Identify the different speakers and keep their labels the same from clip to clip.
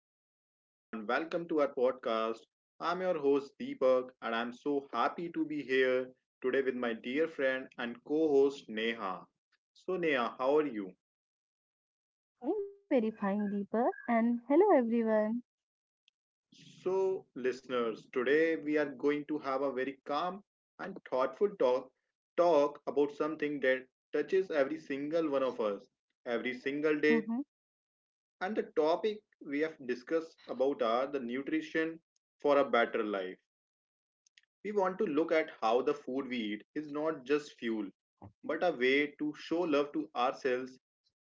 Speaker 1: everyone, and welcome to our podcast. I'm your host Deepak, and I'm so happy to be here today with my dear friend and co host Neha. So, Neha, how are you?
Speaker 2: I'm very fine, Deepa. And hello, everyone.
Speaker 1: So, listeners, today we are going to have a very calm and thoughtful talk about something that touches every single one of us every single day.
Speaker 2: Mhm.
Speaker 1: And the topic we have discussed about are the nutrition for a better life. We want to look at how the food we eat is not just fuel, but a way to show love to ourselves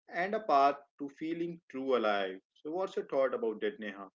Speaker 1: and a path to feeling true alive. So, what's your thought about that, Neha?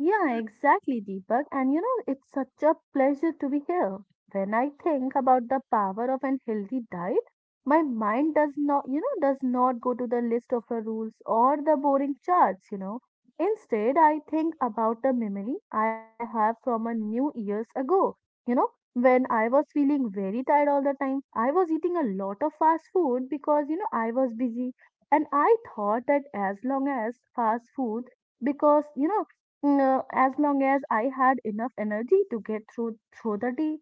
Speaker 2: Yeah, exactly, Deepak. And it's such a pleasure to be here. When I think about the power of an healthy diet, my mind does not go to the list of the rules or the boring charts. Instead, I think about the memory I have from a new years ago. You know, when I was feeling very tired all the time, I was eating a lot of fast food because I was busy. And I thought that as long as fast food because you know no, as long as I had enough energy to get through the day,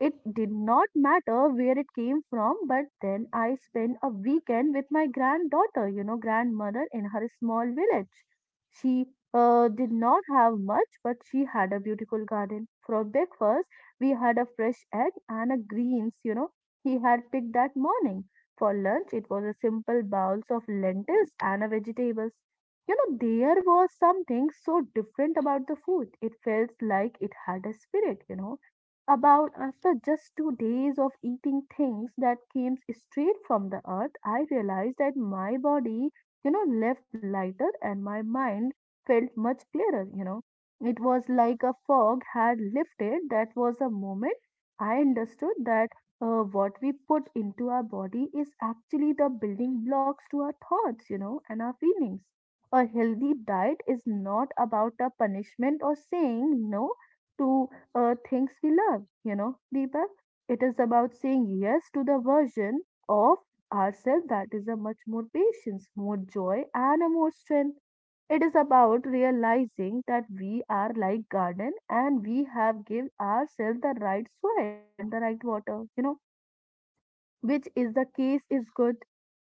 Speaker 2: it did not matter where it came from, but then I spent a weekend with my grandmother in her small village. She did not have much, but she had a beautiful garden. For breakfast, we had a fresh egg and a greens, he had picked that morning. For lunch, it was a simple bowls of lentils and a vegetables. You know, there was something so different about the food. It felt like it had a spirit. About after just 2 days of eating things that came straight from the earth, I realized that my body, left lighter and my mind felt much clearer. It was like a fog had lifted. That was a moment I understood that what we put into our body is actually the building blocks to our thoughts, and our feelings. A healthy diet is not about a punishment or saying no to things we love, Deepak. It is about saying yes to the version of ourselves that is a much more patience, more joy, and a more strength. It is about realizing that we are like garden and we have give ourselves the right soil and the right water, which is the case is good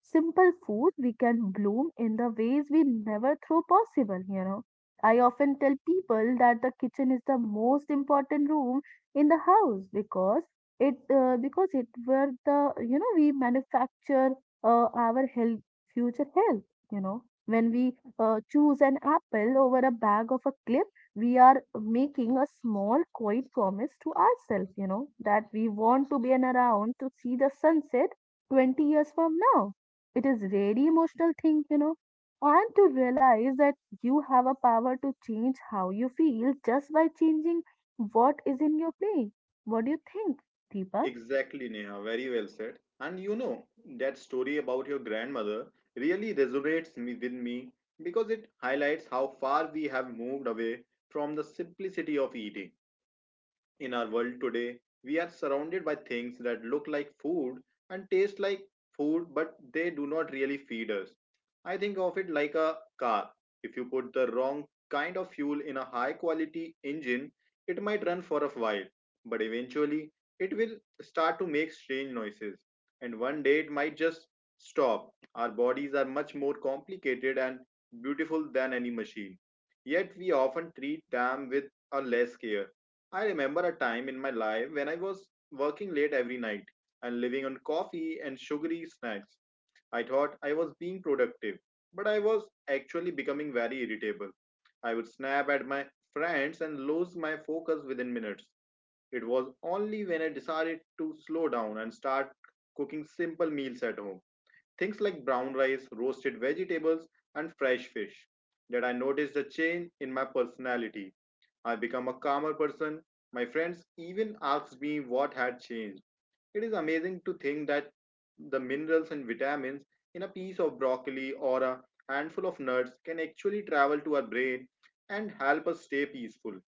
Speaker 2: simple food, we can bloom in the ways we never thought possible. I often tell people that the kitchen is the most important room in the house because it where the we manufacture our health future health. When we choose an apple over a bag of a clip, we are making a small, quiet promise to ourselves, that we want to be an around to see the sunset 20 years from now. It is very emotional thing, and to realize that you have a power to change how you feel just by changing what is in your play. What do you think, Deepa?
Speaker 1: Exactly, Neha. Very well said. And you know, that story about your grandmother really with me because it highlights how far we have moved away from the simplicity of eating. In our world today, we are surrounded by things that look like food and taste like food, but they do not really feed us. I think of it like a car. If you put the wrong kind of fuel in a high quality engine, it might run for a while, but eventually it will start to make strange noises. And one day it might just stop. Our bodies are much more complicated and beautiful than any machine. Yet we often treat them with a less care. I remember a time in my life when I was working late every night and living on coffee and sugary snacks. I thought I was being productive, but I was actually becoming very irritable. I would snap at my friends and lose my focus within minutes. It was only when I decided to slow down and start cooking simple meals at home, things like brown rice, roasted vegetables, and fresh fish, that I noticed a change in my personality. I become a calmer person. My friends even asked me what had changed. It is amazing to think that the minerals and vitamins in a piece of broccoli or a handful of nuts can actually travel to our brain and help us stay peaceful.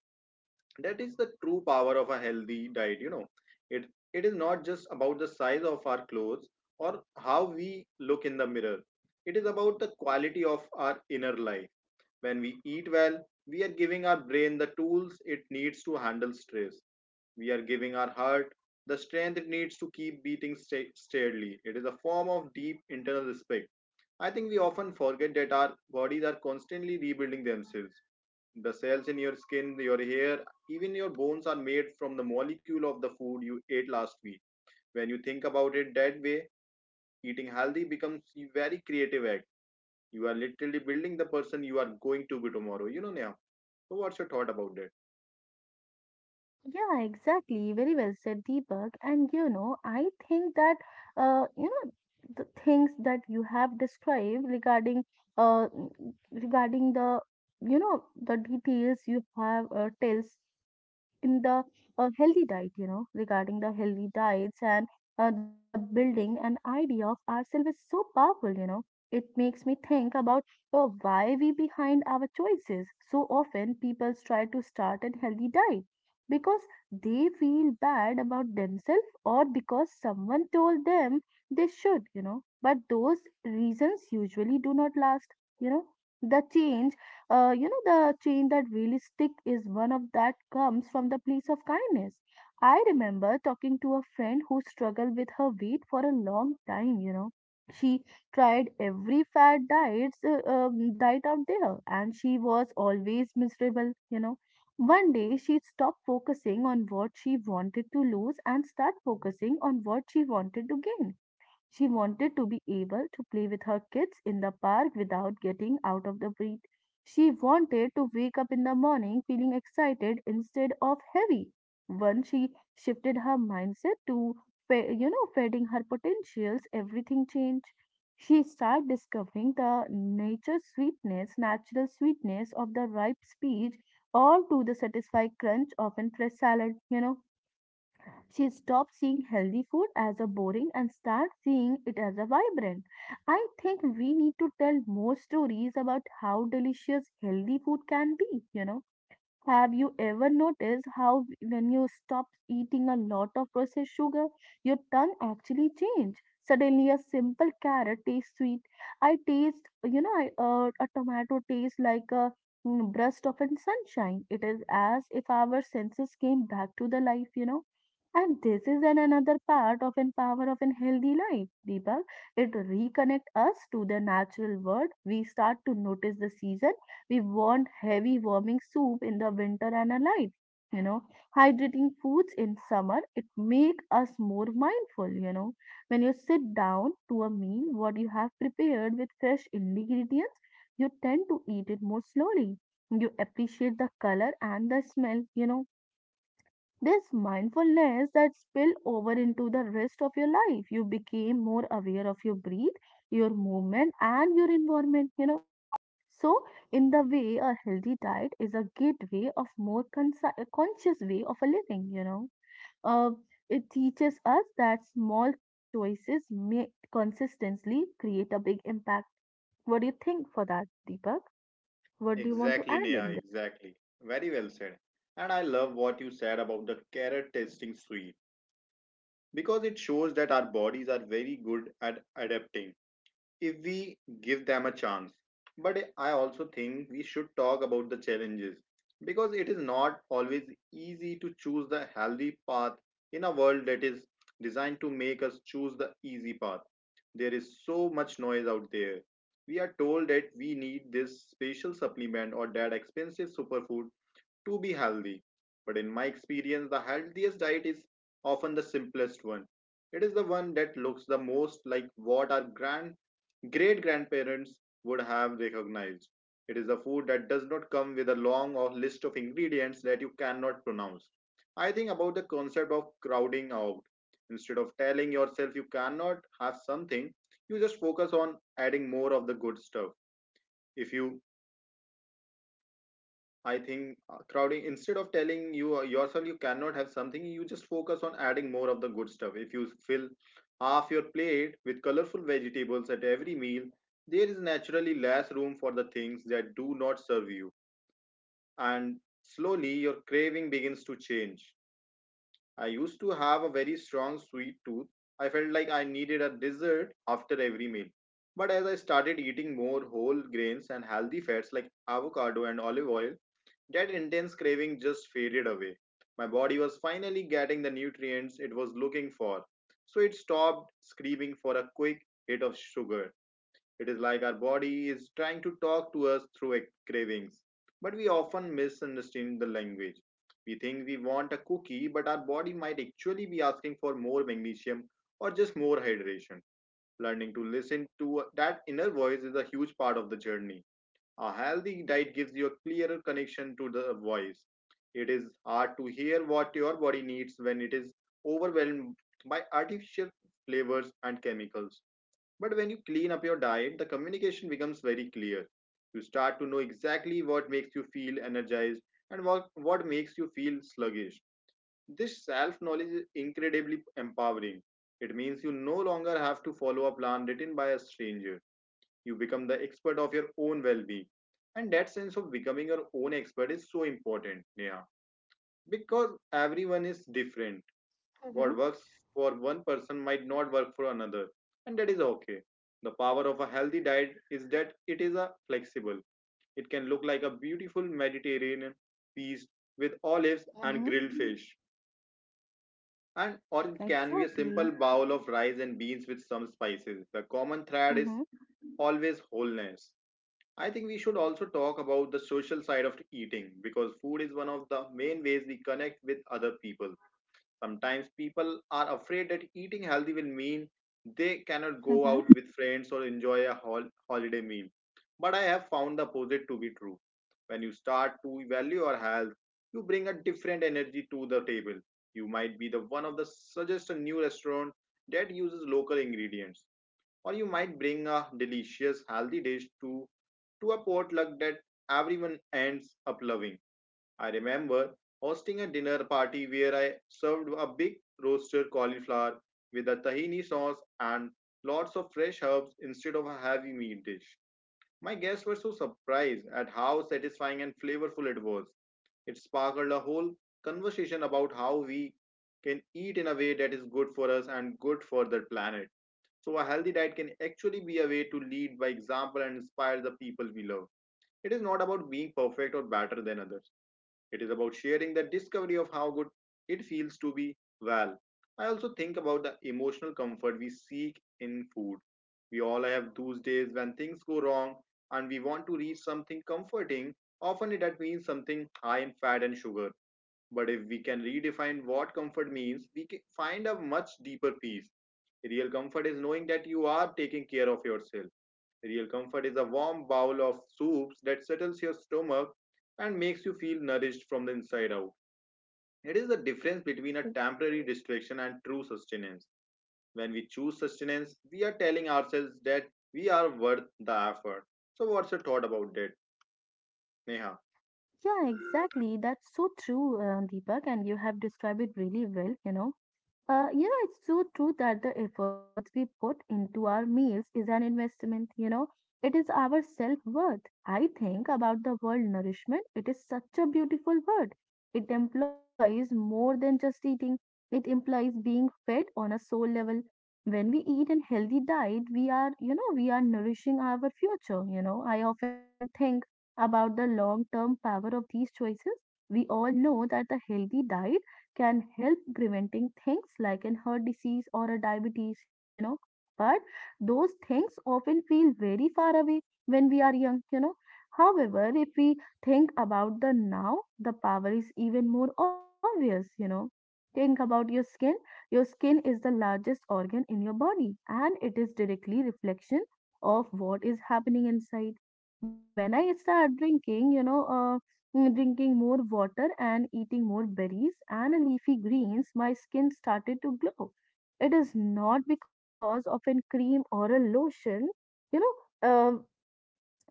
Speaker 1: That is the true power of a healthy diet, you know. It it is not just about the size of our clothes or how we look in the mirror. It is about the quality of our inner life. When we eat well, we are giving our brain the tools it needs to handle stress. We are giving our heart the strength it needs to keep beating steadily. It is a form of deep internal respect. I think we often forget that our bodies are constantly rebuilding themselves. The cells in your skin, your hair, even your bones are made from the molecule of the food you ate last week. When you think about it that way, eating healthy becomes a very creative act. You are literally building the person you are going to be tomorrow. You know, Neha. So, what's your thought about that?
Speaker 2: Yeah, exactly. Very well said, Deepak. And I think that uh, you know, the things that you have described uh, regarding the details you have tells in the healthy diet, regarding the healthy diets and the building an idea of ourselves is so powerful. It makes me think about oh, why we behind our choices. So often people try to start a healthy diet because they feel bad about themselves or because someone told them they should. But those reasons usually do not last, you know. The change you know the chain that really stick is one of that comes from the place of kindness. I remember talking to a friend who struggled with her weight for a long time. She tried every fat diets diet out there and she was always miserable. One day she stopped focusing on what she wanted to lose and start focusing on what she wanted to gain. She wanted to be able to play with her kids in the park without getting out of the bed. She wanted to wake up in the morning feeling excited instead of heavy. Once she shifted her mindset to feeding her potentials, everything changed. She started discovering the natural sweetness of the ripe peach, all to the satisfying crunch of a fresh salad. She stops seeing healthy food as a boring and starts seeing it as a vibrant. I think we need to tell more stories about how delicious healthy food can be. Have you ever noticed how when you stop eating a lot of processed sugar, your tongue actually change? Suddenly, a simple carrot tastes sweet. I taste, you know, I, a tomato tastes like a burst of an sunshine. It is as if our senses came back to the life. And this is an another part of an power of an healthy life, Deepak. It reconnect us to the natural world. We start to notice the season we want heavy warming soup in the winter and a light, you know, hydrating foods in summer. It make us more mindful. When you sit down to a meal, what you have prepared with fresh ingredients, you tend to eat it more slowly. You appreciate the color and the smell. This mindfulness that spill over into the rest of your life. You became more aware of your breath, your movement, and your environment. So, in the way, a healthy diet is a gateway of more a conscious way of a living. Uh, it teaches us that small choices made consistently create a big impact. What do you think for that, Deepak? What do you want to
Speaker 1: Exactly,
Speaker 2: add
Speaker 1: Neha,
Speaker 2: in this?
Speaker 1: exactly. Very well said. And I love what you said about the carrot tasting sweet because it shows that our bodies are very good at adapting, if we give them a chance. But I also think we should talk about the challenges because it is not always easy to choose the healthy path in a world that is designed to make us choose the easy path. There is so much noise out there. We are told that we need this special supplement or that expensive superfood to be healthy. But in my experience, the healthiest diet is often the simplest one. It is the one that looks the most like what our grand great grandparents would have recognized. It is a food that does not come with a long or list of ingredients that you cannot pronounce. I think about the concept of crowding out. Instead of telling yourself you cannot have something, you just focus on adding more of the good stuff. If you I think Crowding instead of telling yourself you cannot have something, you just focus on adding more of the good stuff. If you fill half your plate with colorful vegetables at every meal, there is naturally less room for the things that do not serve you, and slowly your craving begins to change. I used to have a very strong sweet tooth. I felt like I needed a dessert after every meal. But as I started eating more whole grains and healthy fats like avocado and olive oil, that intense craving just faded away. My body was finally getting the nutrients it was looking for. So it stopped screaming for a quick hit of sugar. It is like our body is trying to talk to us through cravings. But we often misunderstand the language. We think we want a cookie, but our body might actually be asking for more magnesium or just more hydration. Learning to listen to that inner voice is a huge part of the journey. A healthy diet gives you a clearer connection to the voice. It is hard to hear what your body needs when it is overwhelmed by artificial flavors and chemicals. But when you clean up your diet, the communication becomes very clear. You start to know exactly what makes you feel energized and what makes you feel sluggish. This self knowledge is incredibly empowering. It means you no longer have to follow a plan written by a stranger. You become the expert of your own well-being, and that sense of becoming your own expert is so important, Neha, because everyone is different.
Speaker 2: Mm-hmm.
Speaker 1: What works for one person might not work for another, and that is okay. The power of a healthy diet is that it is a flexible. It can look like a beautiful Mediterranean feast with olives
Speaker 2: Mm-hmm.
Speaker 1: and grilled fish, and or it can be a
Speaker 2: Exactly.
Speaker 1: simple bowl of rice and beans with some spices. The common thread is
Speaker 2: Mm-hmm.
Speaker 1: always wholeness. I think we should also talk about the social side of eating because food is one of the main ways we connect with other people. Sometimes people are afraid that eating healthy will mean they cannot go
Speaker 2: Mm-hmm.
Speaker 1: out with friends or enjoy a holiday meal. But I have found the opposite to be true. When you start to value your health, you bring a different energy to the table. You might be the one of the suggest a new restaurant that uses local ingredients, or you might bring a delicious healthy dish to a potluck that everyone ends up loving. I remember hosting a dinner party where I served a big roasted cauliflower with a tahini sauce and lots of fresh herbs instead of a heavy meat dish. My guests were so surprised at how satisfying and flavorful it was. It sparked a whole conversation about how we can eat in a way that is good for us and good for the planet. So, a healthy diet can actually be a way to lead by example and inspire the people we love. It is not about being perfect or better than others. It is about sharing the discovery of how good it feels to be well. I also think about the emotional comfort we seek in food. We all have those days when things go wrong and we want to reach something comforting. Often that means something high in fat and sugar. But if we can redefine what comfort means, we can find a much deeper peace. Real comfort is knowing that you are taking care of yourself. Real comfort is a warm bowl of soups that settles your stomach and makes you feel nourished from the inside out. It is the difference between a temporary distraction and true sustenance. When we choose sustenance, we are telling ourselves that we are worth the effort. So, what's your thought about that, Neha?
Speaker 2: Yeah, exactly. That's so true, Deepak, and you have described it really well. It's so true that the efforts we put into our meals is an investment. It is our self-worth. I think about the word nourishment. It is such a beautiful word. It implies more than just eating. It implies being fed on a soul level. When we eat a healthy diet, we are nourishing our future. I often think about the long-term power of these choices. We all know that the healthy diet can help preventing things like an heart disease or a diabetes. But those things often feel very far away when we are young. However, if we think about the now, the power is even more obvious. Think about your skin. Your skin is the largest organ in your body and it is directly reflection of what is happening inside when I start drinking, you know, Mm, Drinking more water and eating more berries and leafy greens, my skin started to glow. It is not because of an cream or a lotion, you know, um,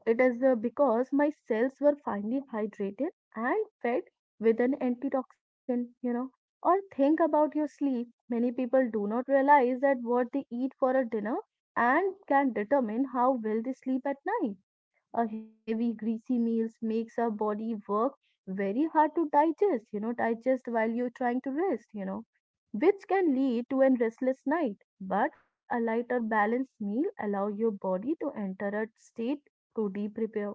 Speaker 2: it is because my cells were finally hydrated and fed with an antitoxin. Or think about your sleep. Many people do not realize that what they eat for a dinner and can determine how well they sleep at night. A heavy greasy meals makes our body work very hard to digest while you're trying to rest, which can lead to a restless night, but a lighter balanced meal allow your body to enter a state to deep repair.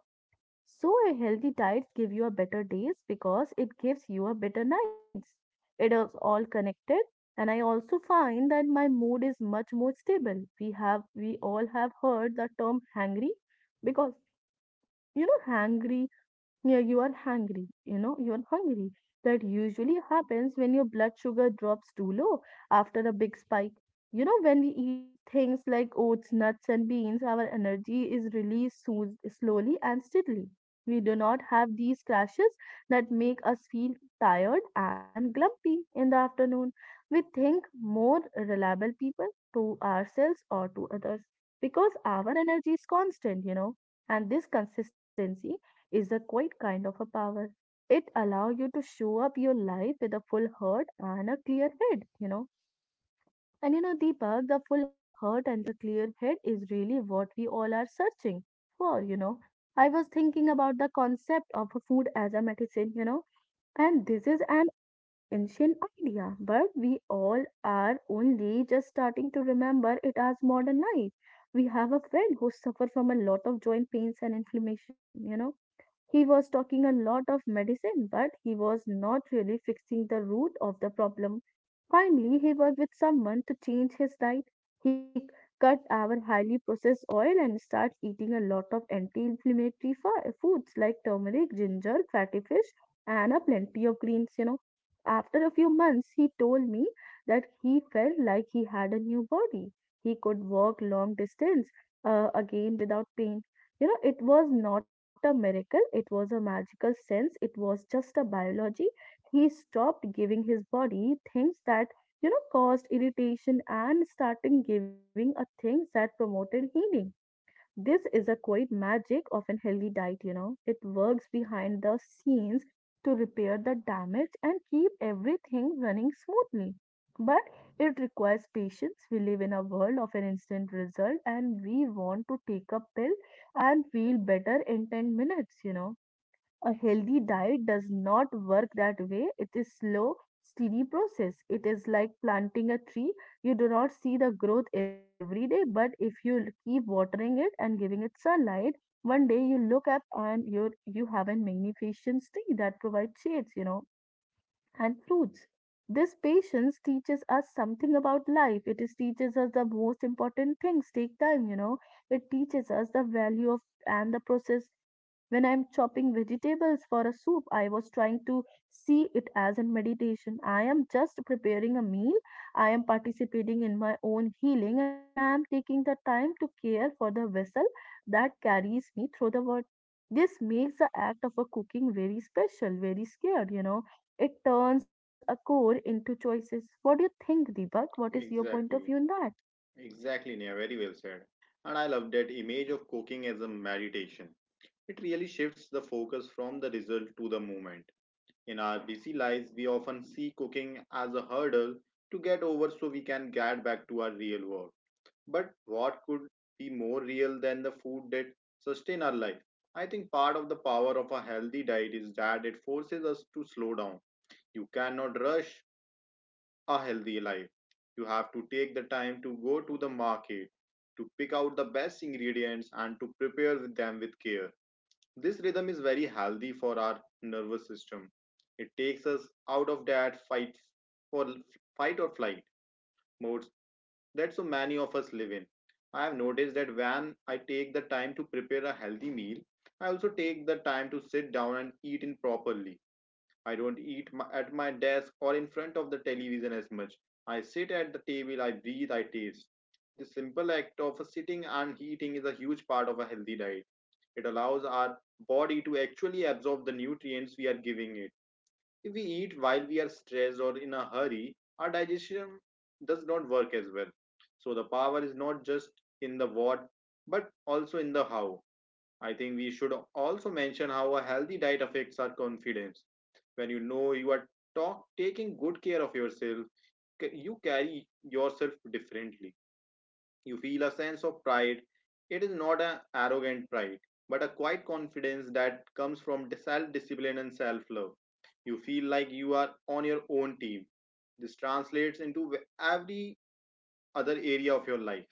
Speaker 2: So a healthy diet give you a better days because it gives you a better nights. It is all connected. And I also find that my mood is much more stable. We all have heard the term hangry because you know hangry. Yeah, you are hungry, you are hungry. That usually happens when your blood sugar drops too low after a big spike. When we eat things like oats, nuts, and beans, our energy is released slowly and steadily. We do not have these crashes that make us feel tired and grumpy in the afternoon. We think more reliable people to ourselves or to others because our energy is constant, and this consistency is a quite kind of a power. It allows you to show up your life with a full heart and a clear head. And Deepak, the full heart and the clear head is really what we all are searching for. I was thinking about the concept of a food as a medicine, and this is an ancient idea, but we all are only just starting to remember it as modern life. We have a friend who suffer from a lot of joint pains and inflammation. He was talking a lot of medicine, but he was not really fixing the root of the problem. Finally, he worked with someone to change his diet. He cut our highly processed oil and started eating a lot of anti-inflammatory foods like turmeric, ginger, fatty fish, and a plenty of greens, you know. After a few months, he told me that he felt like he had a new body. He could walk long distance again without pain. You know, it was not a miracle, it was a magical sense, it was just a biology. He stopped giving his body things that, you know, caused irritation and starting giving a things that promoted healing. This is a quite magic of an healthy diet, you know. It works behind the scenes to repair the damage and keep everything running smoothly. But it requires patience. We live in a world of an instant result and we want to take a pill and feel better in 10 minutes, you know. A healthy diet does not work that way. It is slow, steady process. It is like planting a tree. You do not see the growth every day, but if you keep watering it and giving it sunlight, one day you look up and you have a magnificent tree that provides shades, you know, and fruits. This patience teaches us something about life. It is teaches us the most important things take time, you know. It teaches us the value of and the process. When I'm chopping vegetables for a soup, I was trying to see it as in meditation. I am just preparing a meal. I am participating in my own healing and I am taking the time to care for the vessel that carries me through the world. This makes the act of a cooking very special, very scared, you know, it turns a core into choices. What do you think, Deepak? What is your point of view
Speaker 1: Exactly,
Speaker 2: in that?
Speaker 1: exactly, Neha. Very well said. And I love that image of cooking as a meditation. It really shifts the focus from the result to the moment. In our busy lives, we often see cooking as a hurdle to get over so we can get back to our real work. But what could be more real than the food that sustain our life? I think part of the power of a healthy diet is that it forces us to slow down. You cannot rush a healthy life. You have to take the time to go to the market, to pick out the best ingredients and to prepare them with care. This rhythm is very healthy for our nervous system. It takes us out of that for fight or flight modes that so many of us live in. I have noticed that when I take the time to prepare a healthy meal, I also take the time to sit down and eat in properly. I don't eat at my desk or in front of the television as much. I sit at the table, I breathe, I taste. The simple act of sitting and eating is a huge part of a healthy diet. It allows our body to actually absorb the nutrients we are giving it. If we eat while we are stressed or in a hurry, our digestion does not work as well. So the power is not just in the what, but also in the how. I think we should also mention how a healthy diet affects our confidence. When you know you are taking good care of yourself, you carry yourself differently. You feel a sense of pride. It is not an arrogant pride, but a quiet confidence that comes from self discipline and self love. You feel like you are on your own team. This translates into every other area of your life.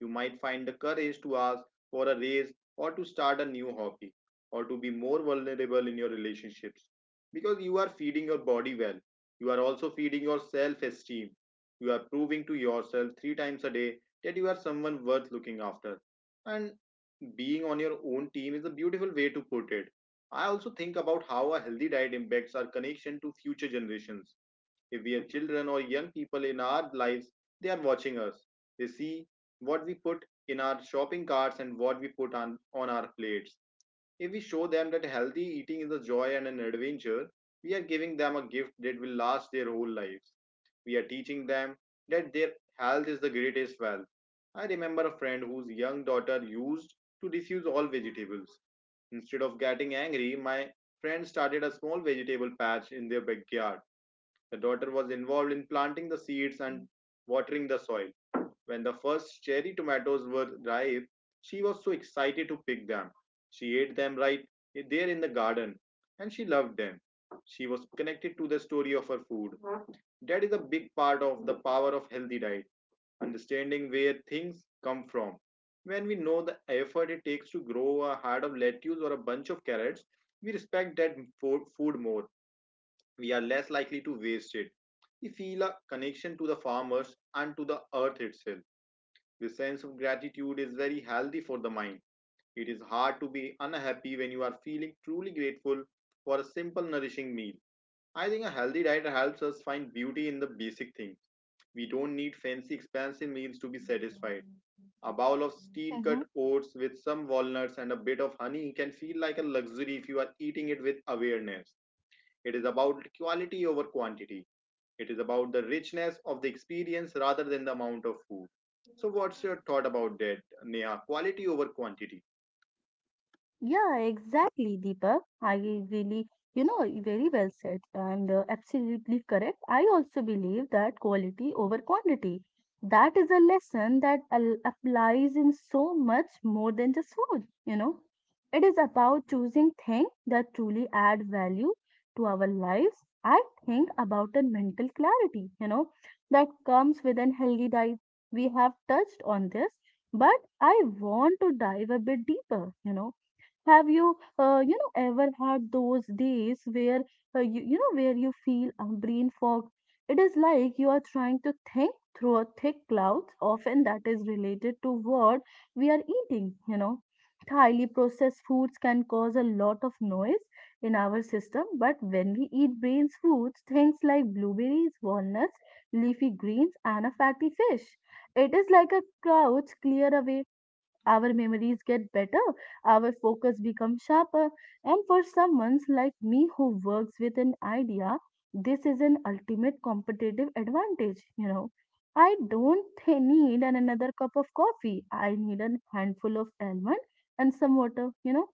Speaker 1: You might find the courage to ask for a raise or to start a new hobby or to be more vulnerable in your relationships because you are feeding your body well. You are also feeding your self esteem. You are proving to yourself three times a day that you are someone worth looking after. And being on your own team is a beautiful way to put it. I also think about how a healthy diet impacts our connection to future generations. If we are children or young people in our lives, they are watching us. They see what we put in our shopping carts and what we put on our plates. If we show them that healthy eating is a joy and an adventure, we are giving them a gift that will last their whole lives. We are teaching them that their health is the greatest wealth. I remember a friend whose young daughter used to refuse all vegetables. Instead of getting angry, my friend started a small vegetable patch in their backyard. The daughter was involved in planting the seeds and watering the soil. When the first cherry tomatoes were ripe, she was so excited to pick them. She ate them right there in the garden and she loved them. She was connected to the story of her food. That is a big part of the power of healthy diet, understanding where things come from. When we know the effort it takes to grow a head of lettuce or a bunch of carrots, we respect that food more. We are less likely to waste it. We feel a connection to the farmers and to the earth itself. The sense of gratitude is very healthy for the mind. It is hard to be unhappy when you are feeling truly grateful for a simple, nourishing meal. I think a healthy diet helps us find beauty in the basic things. We don't need fancy, expensive meals to be satisfied. A bowl of steel cut oats with some walnuts and a bit of honey can feel like a luxury if you are eating it with awareness. It is about quality over quantity. It is about the richness of the experience rather than the amount of food. So, what's your thought about that, Neha? Quality over quantity.
Speaker 2: Yeah, exactly, Deepak. I really, you know, very well said and absolutely correct. I also believe that quality over quantity. That is a lesson that applies in so much more than just food, you know. It is about choosing things that truly add value to our lives. I think about a mental clarity, you know, that comes with an healthy diet. We have touched on this, but I want to dive a bit deeper, you know. Have you, you know, ever had those days where you know, where you feel a brain fog? It is like you are trying to think through a thick cloud. Often that is related to what we are eating. You know, highly processed foods can cause a lot of noise in our system, but when we eat brains foods, things like blueberries, walnuts, leafy greens, and a fatty fish, it is like a cloud clear away. Our memories get better, our focus becomes sharper, and for someone like me who works with an idea, this is an ultimate competitive advantage, you know. I don't need another cup of coffee. I need a handful of almond and some water, you know.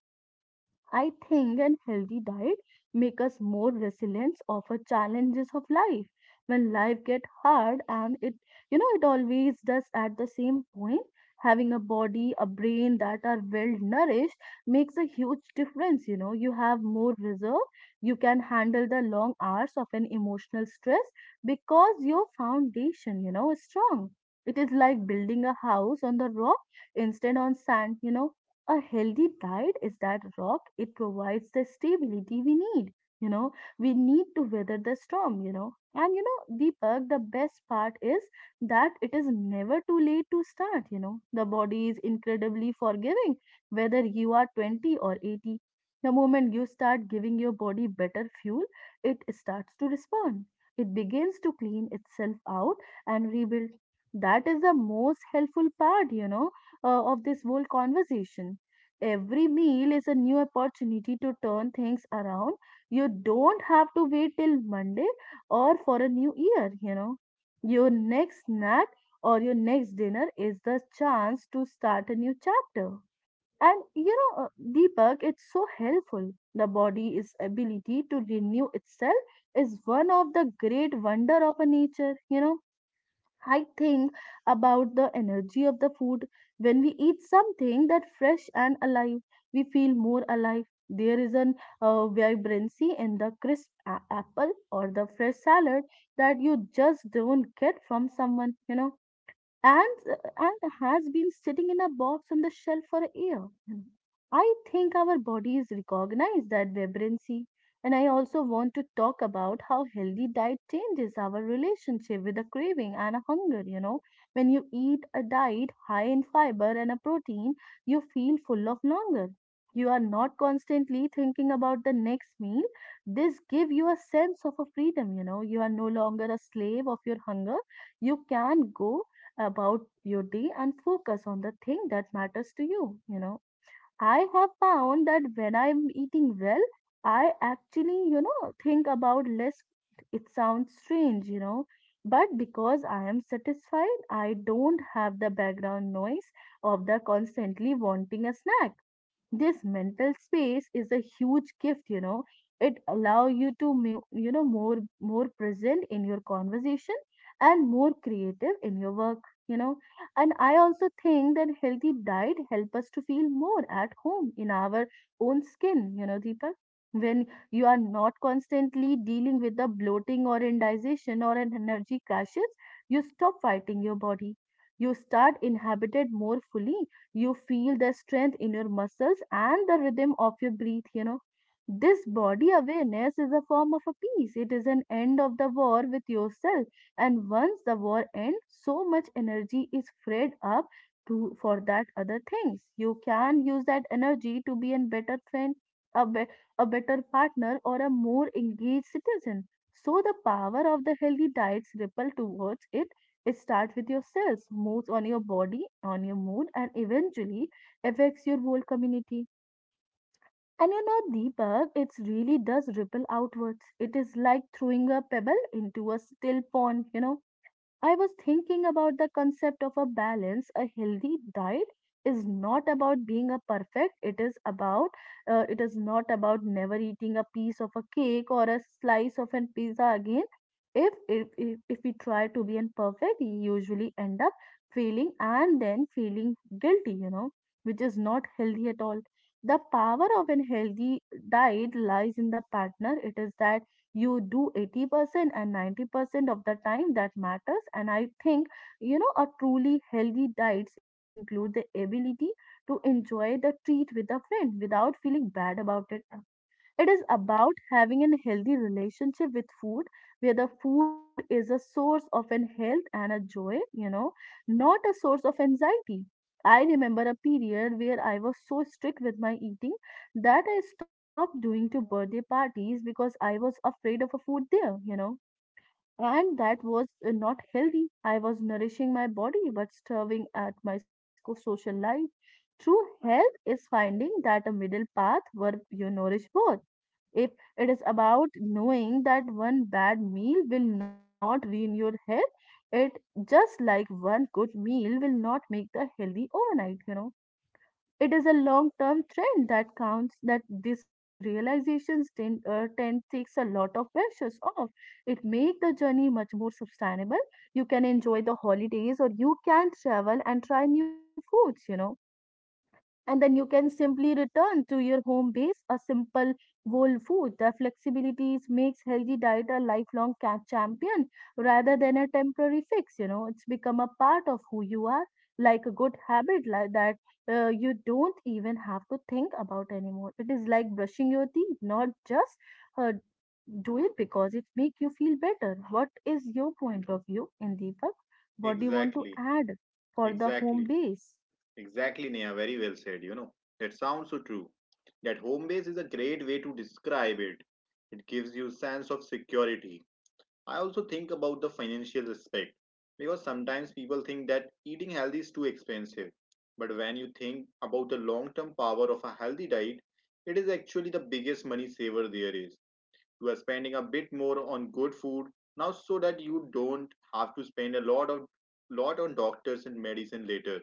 Speaker 2: I think an healthy diet make us more resilient of our challenges of life. When life get hard, and it, you know, it always does at the same point, having a body, a brain that are well nourished makes a huge difference, you know. You have more reserve, you can handle the long hours of an emotional stress because your foundation, you know, is strong. It is like building a house on the rock instead on sand, you know. A healthy diet is that rock, it provides the stability we need, you know, we need to weather the storm, you know. And you know, Deepak, the best part is that it is never too late to start, you know. The body is incredibly forgiving. Whether you are 20 or 80, the moment you start giving your body better fuel, it starts to respond. It begins to clean itself out and rebuild. That is the most helpful part, you know, of this whole conversation. Every meal is a new opportunity to turn things around. You don't have to wait till Monday or for a new year, you know. Your next snack or your next dinner is the chance to start a new chapter. And you know, Deepak, it's so helpful. The body's ability to renew itself is one of the great wonder of a nature, you know. I think about the energy of the food. When we eat something that fresh and alive, we feel more alive. There is an vibrancy in the crisp apple or the fresh salad that you just don't get from someone, you know, and and has been sitting in a box on the shelf for a year. I think our bodies recognize that vibrancy, and I also want to talk about how healthy diet changes our relationship with a craving and a hunger. You know, when you eat a diet high in fiber and a protein, you feel full of longer. You are not constantly thinking about the next meal. This gives you a sense of a freedom. You know, you are no longer a slave of your hunger. You can go about your day and focus on the thing that matters to you. You know, I have found that when I'm eating well, I actually, you know, think about less. It sounds strange, you know, but because I am satisfied, I don't have the background noise of the constantly wanting a snack. This mental space is a huge gift, you know. It allow you to you know, more present in your conversation and more creative in your work, you know. And I also think that healthy diet help us to feel more at home in our own skin, you know, Deepak. When you are not constantly dealing with the bloating or indigestion or an energy crashes, you stop fighting your body. You start inhabited more fully. You feel the strength in your muscles and the rhythm of your breath, you know. This body awareness is a form of a peace, it is an end of the war with yourself. And once the war ends, so much energy is freed up to for that other things. You can use that energy to be a better friend, a, be, a better partner or a more engaged citizen. So the power of the healthy diets ripple towards it. It starts with your cells, moves on your body, on your mood, and eventually affects your whole community. And you know, Deepak, it really does ripple outwards. It is like throwing a pebble into a still pond, you know. I was thinking about the concept of a balance. A healthy diet is not about being a perfect. It is about it is not about never eating a piece of a cake or a slice of a pizza again. If we try to be imperfect, we usually end up failing and then feeling guilty. You know, which is not healthy at all. The power of a healthy diet lies in the partner. It is that you do 80% and 90% of the time that matters. And I think, you know, a truly healthy diets include the ability to enjoy the treat with a friend without feeling bad about it. It is about having a healthy relationship with food, where the food is a source of an health and a joy, you know, not a source of anxiety. I remember a period where I was so strict with my eating that I stopped doing to birthday parties because I was afraid of a food there, you know. And that was not healthy. I was nourishing my body but starving at my social life. True health is finding that a middle path where you nourish both. If it is about knowing that one bad meal will not ruin your health, it just like one good meal will not make the healthy overnight, you know. It is a long term trend that counts, that these realizations tend takes a lot of pressures off. It make the journey much more sustainable. You can enjoy the holidays or you can travel and try new foods, you know, and then you can simply return to your home base, a simple whole food. The flexibility makes healthy diet a lifelong champion rather than a temporary fix, you know. It's become a part of who you are, like a good habit like that. You don't even have to think about anymore. It is like brushing your teeth, not just uh, do it because it make you feel better. What is your point of view in Deepak? What do you want to
Speaker 1: Exactly,
Speaker 2: add for the home
Speaker 1: exactly,
Speaker 2: base?
Speaker 1: exactly, Neha. Very well said, you know. That sounds so true. That home base is a great way to describe it. It gives you sense of security. I also think about the financial aspect because sometimes people think that eating healthy is too expensive. But when you think about the long term power of a healthy diet, it is actually the biggest money saver there is. You are spending a bit more on good food now so that you don't have to spend a lot on doctors and medicine later.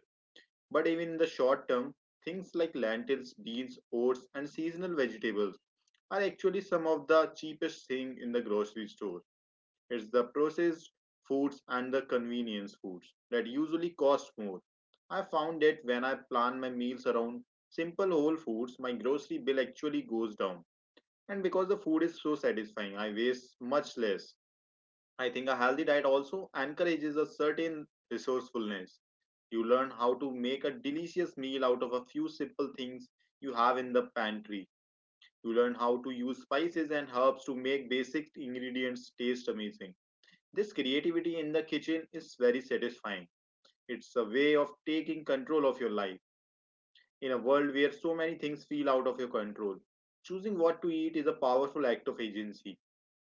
Speaker 1: But even in the short term, things like lentils, beans, oats and seasonal vegetables are actually some of the cheapest thing in the grocery store. It's the processed foods and the convenience foods that usually cost more. I found that when I plan my meals around simple whole foods, my grocery bill actually goes down. And because the food is so satisfying, I waste much less. I think a healthy diet also encourages a certain resourcefulness. You learn how to make a delicious meal out of a few simple things you have in the pantry. You learn how to use spices and herbs to make basic ingredients taste amazing. This creativity in the kitchen is very satisfying. It's a way of taking control of your life in a world where so many things feel out of your control. Choosing what to eat is a powerful act of agency.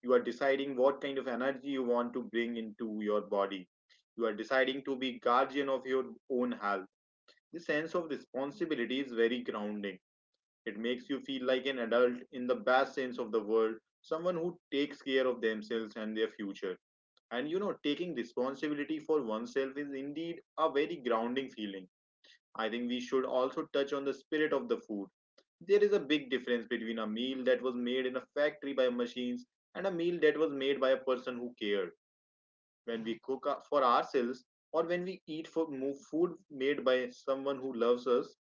Speaker 1: You are deciding what kind of energy you want to bring into your body. You are deciding to be guardian of your own health. This sense of responsibility is very grounding. It makes you feel like an adult in the best sense of the word, someone who takes care of themselves and their future. And you know, taking responsibility for oneself is indeed a very grounding feeling. I think we should also touch on the spirit of the food. There is a big difference between a meal that was made in a factory by machines and a meal that was made by a person who cared. When we cook for ourselves or when we eat for food made by someone who loves us,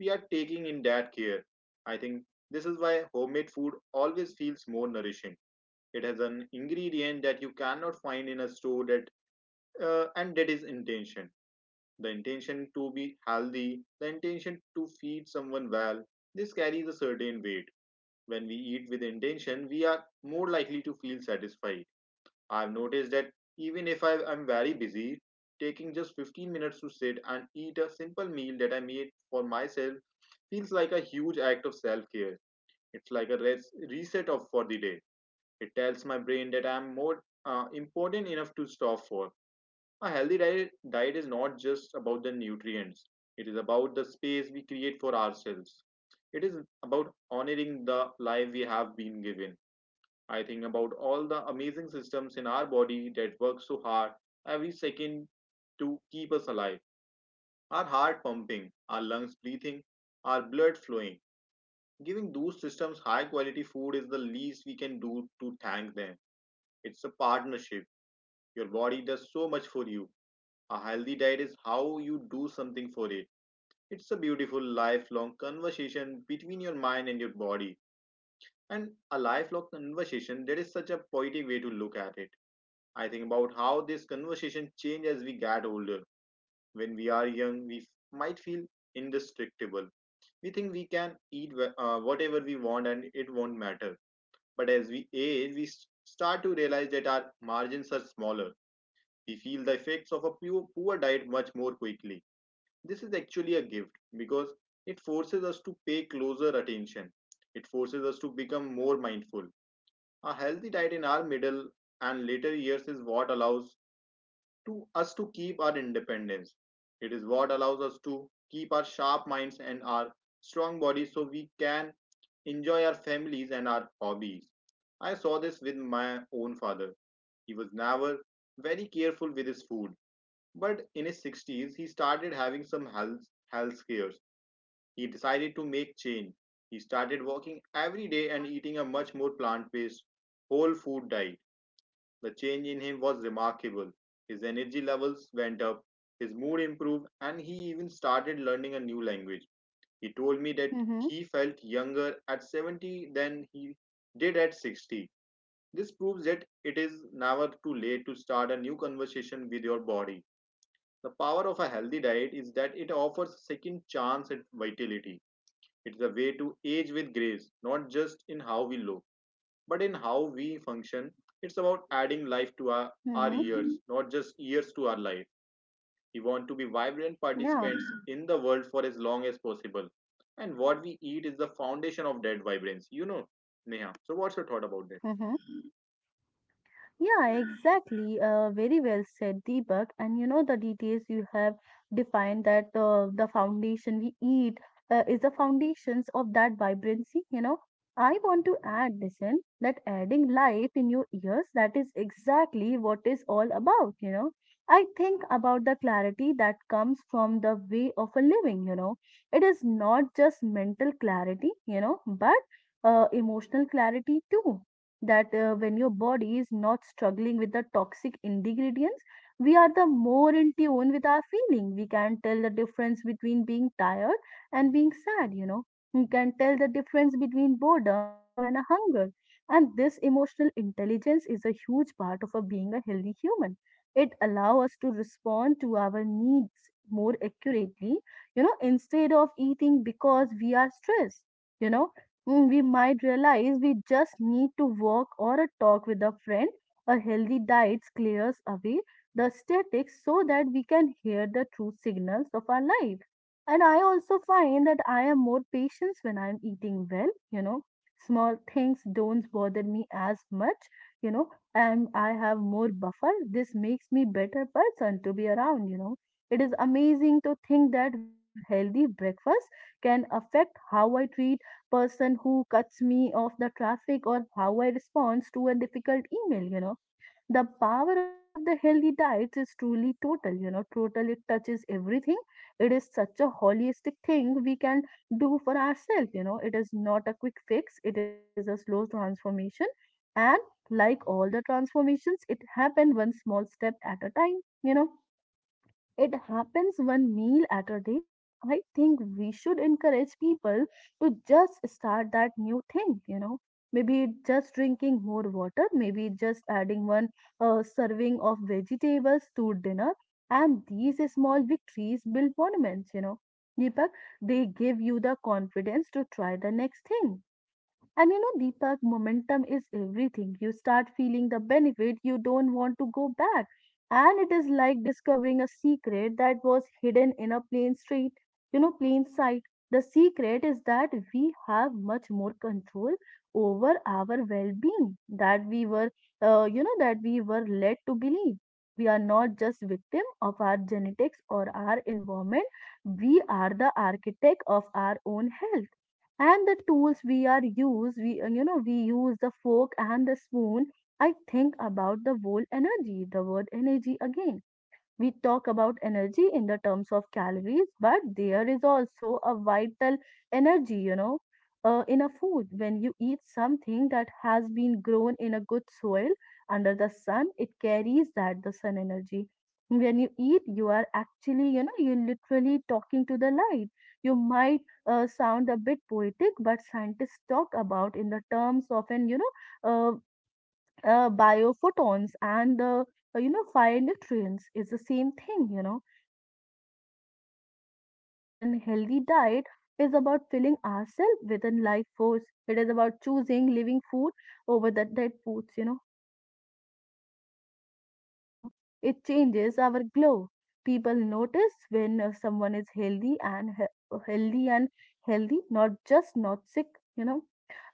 Speaker 1: we are taking in that care. I think this is why homemade food always feels more nourishing. It has an ingredient that you cannot find in a store that and that is intention. The intention to be healthy, the intention to feed someone well. This carries a certain weight. When we eat with intention, we are more likely to feel satisfied. I've noticed that even if I am very busy, taking just 15 minutes to sit and eat a simple meal that I made for myself feels like a huge act of self-care. It's like a reset of for the day. It tells my brain that I'm more important enough to stop for. A healthy diet is not just about the nutrients, it is about the space we create for ourselves. It is about honoring the life we have been given. I think about all the amazing systems in our body that work so hard every second to keep us alive. Our heart pumping, our lungs breathing, our blood flowing. Giving those systems high quality food is the least we can do to thank them. It's a partnership. Your body does so much for you. A healthy diet is how you do something for it. It's a beautiful lifelong conversation between your mind and your body, and a lifelong conversation that is such a poetic way to look at it. I think about how this conversation changes as we get older. When we are young, we might feel indestructible. We think we can eat whatever we want and it won't matter. But as we age, we start to realize that our margins are smaller. We feel the effects of a poor diet much more quickly. This is actually a gift because it forces us to pay closer attention. It forces us to become more mindful. A healthy diet in our middle and later years is what allows to us to keep our independence. It is what allows us to keep our sharp minds and our strong bodies so we can enjoy our families and our hobbies. I saw this with my own father. He was never very careful with his food, but in his 60s he started having some health scares. He decided to make change. He started walking every day and eating a much more plant based, whole food diet. The change in him was remarkable. His energy levels went up, his mood improved, and he even started learning a new language. He told me that
Speaker 2: Mm-hmm.
Speaker 1: he felt younger at 70 than he did at 60. This proves that it is never too late to start a new conversation with your body. The power of a healthy diet is that it offers a second chance at vitality. It's a way to age with grace, not just in how we look, but in how we function. It's about adding life to
Speaker 2: Mm-hmm.
Speaker 1: our years, not just years to our life. We want to be vibrant
Speaker 2: Yeah.
Speaker 1: participants in the world for as long as possible. And what we eat is the foundation of that vibrance, you know, Neha. So, what's your thought about that?
Speaker 2: Mm-hmm. Yeah, exactly. Very well said, Deepak. And you know, the details you have defined that the foundation we eat is the foundations of that vibrancy. You know, I want to add, listen, that adding life in your ears, that is exactly what is all about. You know, I think about the clarity that comes from the way of a living. You know, it is not just mental clarity, but emotional clarity too that when your body is not struggling with the toxic ingredients, we are the more in tune with our feeling. We can tell the difference between being tired and being sad. We can tell the difference between boredom and a hunger, and this emotional intelligence is a huge part of a being a healthy human. It allows us to respond to our needs more accurately, instead of eating because we are stressed you know Mm, we might realize we just need to walk or a talk with a friend. A healthy diet clears away the statics so that we can hear the true signals of our life. And I also find that I am more patient when I'm eating well. Small things don't bother me as much, you know, and I have more buffer. This makes me better person to be around. It is amazing to think that healthy breakfast can affect how I treat person who cuts me off the traffic or how I respond to a difficult email. The power of the healthy diets is truly total, total. It touches everything. It is such a holistic thing we can do for ourselves. It is not a quick fix, it is a slow transformation. And like all the transformations, it happen one small step at a time. It happens one meal at a day. I think we should encourage people to just start that new thing. Maybe it's just drinking more water, maybe it's just adding one serving of vegetables to dinner. And these small victories build monuments, you know. Deepak, they give you the confidence to try the next thing. And you know, Deepak, momentum is everything. You start feeling the benefit, you don't want to go back. And it is like discovering a secret that was hidden in a plain street, you know, plain sight. The secret is that we have much more control over our well being that we were, that we were led to believe. We are not just victim of our genetics or our environment. We are the architect of our own health and the tools we are use we you know we use the fork and the spoon. I think about the whole energy, the word energy again. We talk about energy in the terms of calories, but there is also a vital energy, you know, in a food. When you eat something that has been grown in a good soil under the sun, it carries that the sun energy. When you eat, you are actually, you know, you're literally talking to the light. You might sound a bit poetic, but scientists talk about in the terms of uh biophotons and the you know fire nutrients is the same thing. It is a life force of the plant, and a healthy diet is about filling ourselves with a life force. It is about choosing living food over the dead foods. This changes how we vibrate. It changes our glow. People notice when someone is healthy and he- healthy and healthy, not just not sick you know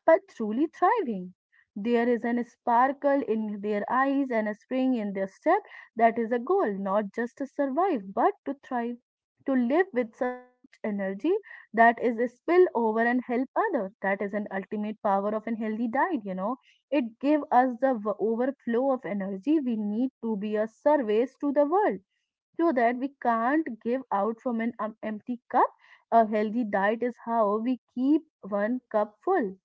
Speaker 2: but truly thriving. There is an sparkle in their eyes and a spring in their step. That is a goal, not just to survive, but to thrive. To live with such energy that is a spill over and help others. That is an ultimate power of a healthy diet, you know. It gives us the overflow of energy we need to be a service to the world so that we can't give out from an empty cup. A healthy diet is how we keep one cup full.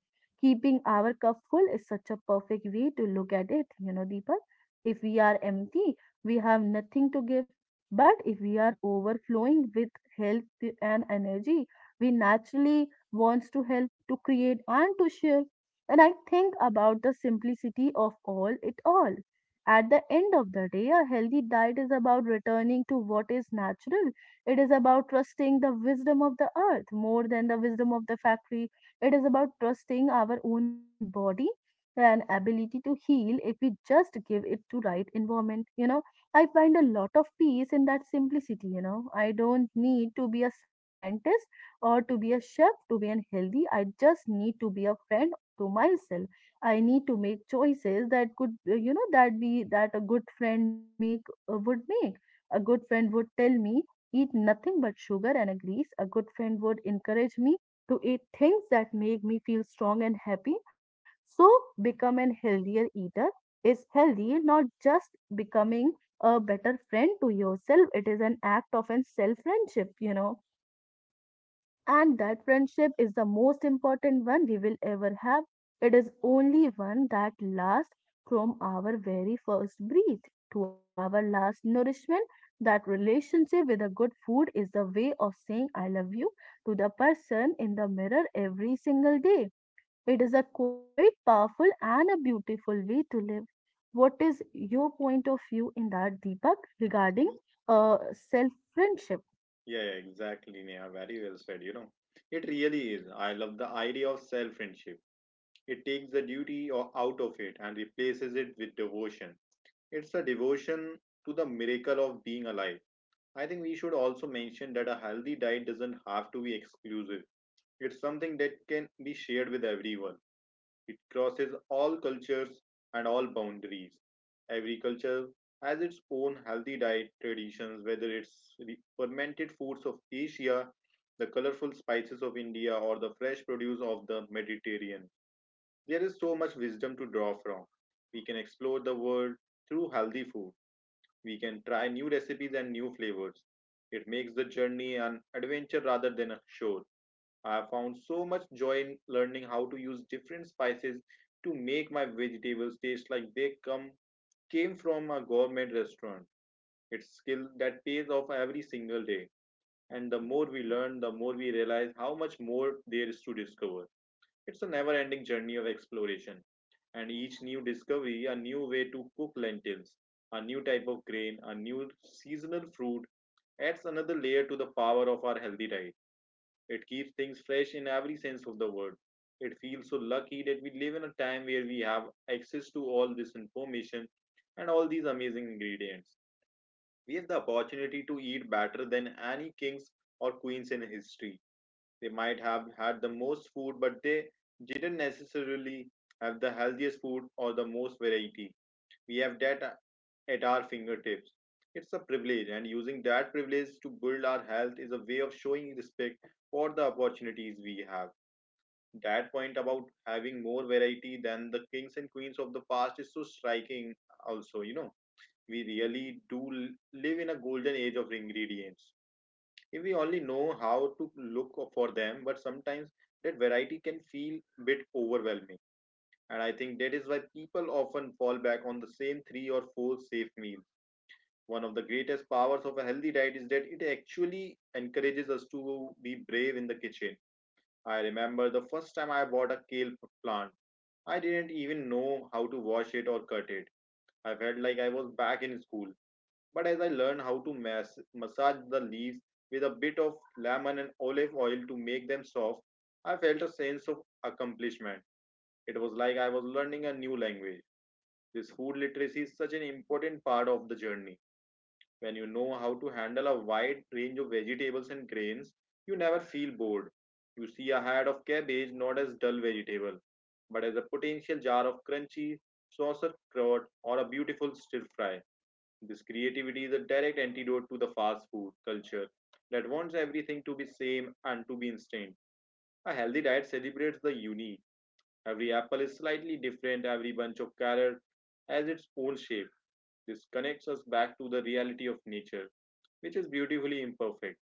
Speaker 2: Keeping our cup full is such a perfect way to look at it, you know, Deepak. If we are empty, we have nothing to give. But if we are overflowing with health and energy, we naturally wants to help, to create, and to share. And I think about the simplicity of all it all. At the end of the day, a healthy diet is about returning to what is natural. It is about trusting the wisdom of the earth more than the wisdom of the factory. It is about trusting our own body and ability to heal if we just give it to right environment. You know, I find a lot of peace in that simplicity. You know, I don't need to be a scientist or to be a chef to be an healthy. I just need to be a friend to myself. I need to make choices that could, you know, that be that a good friend make would make. A good friend would tell me eat nothing but sugar and a grease. A good friend would encourage me to eat things that make me feel strong and happy. So become a healthier eater is healthy, not just becoming a better friend to yourself. It is an act of a self friendship, you know. And that friendship is the most important one we will ever have. It is only one that lasts from our very first breath to our last nourishment. That relationship with a good food is the way of saying I love you to the person in the mirror every single day. It is a quite powerful and a beautiful way to live. What is your point of view in that, Deepak, regarding self friendship?
Speaker 1: Yeah, yeah, exactly, Neha. Very well said. You know, it really is. I love the idea of self friendship. It takes the duty out of it and replaces it with devotion. It's a devotion to the miracle of being alive. I think we should also mention that a healthy diet doesn't have to be exclusive. It's something that can be shared with everyone. It crosses all cultures and all boundaries. Every culture has its own healthy diet traditions, whether it's the fermented foods of Asia, the colorful spices of India, or the fresh produce of the Mediterranean. There is so much wisdom to draw from. We can explore the world through healthy food. We can try new recipes and new flavors. It makes the journey an adventure rather than a chore. I have found so much joy in learning how to use different spices to make my vegetables taste like they come came from a gourmet restaurant. It's skill that pays off every single day. And the more we learn, the more we realize how much more there is to discover. It's a never ending journey of exploration, and each new discovery, a new way to cook lentils, a new type of grain, a new seasonal fruit, adds another layer to the power of our healthy diet. It keeps things fresh in every sense of the word. It feels so lucky that we live in a time where we have access to all this information and all these amazing ingredients. We have the opportunity to eat better than any kings or queens in history. They might have had the most food, but they didn't necessarily have the healthiest food or the most variety. We have that at our fingertips. It's a privilege, and using that privilege to build our health is a way of showing respect for the opportunities we have. That point about having more variety than the kings and queens of the past is so striking, also, you know. We really do live in a golden age of ingredients, if we only know how to look for them. But sometimes that variety can feel a bit overwhelming. And I think that is why people often fall back on the same three or four safe meals. One of the greatest powers of a healthy diet is that it actually encourages us to be brave in the kitchen. I remember the first time I bought a kale plant. I didn't even know how to wash it or cut it. I felt like I was back in school. But as I learned how to massage the leaves with a bit of lemon and olive oil to make them soft, I felt a sense of accomplishment. It was like I was learning a new language. This food literacy is such an important part of the journey. When you know how to handle a wide range of vegetables and grains, you never feel bored. You see a head of cabbage not as dull vegetable, but as a potential jar of crunchy saucer crot or a beautiful stir fry. This creativity is a direct antidote to the fast food culture that wants everything to be same and to be instant. A healthy diet celebrates the unique. Every apple is slightly different, every bunch of carrot has its own shape. This connects us back to the reality of nature, which is beautifully imperfect.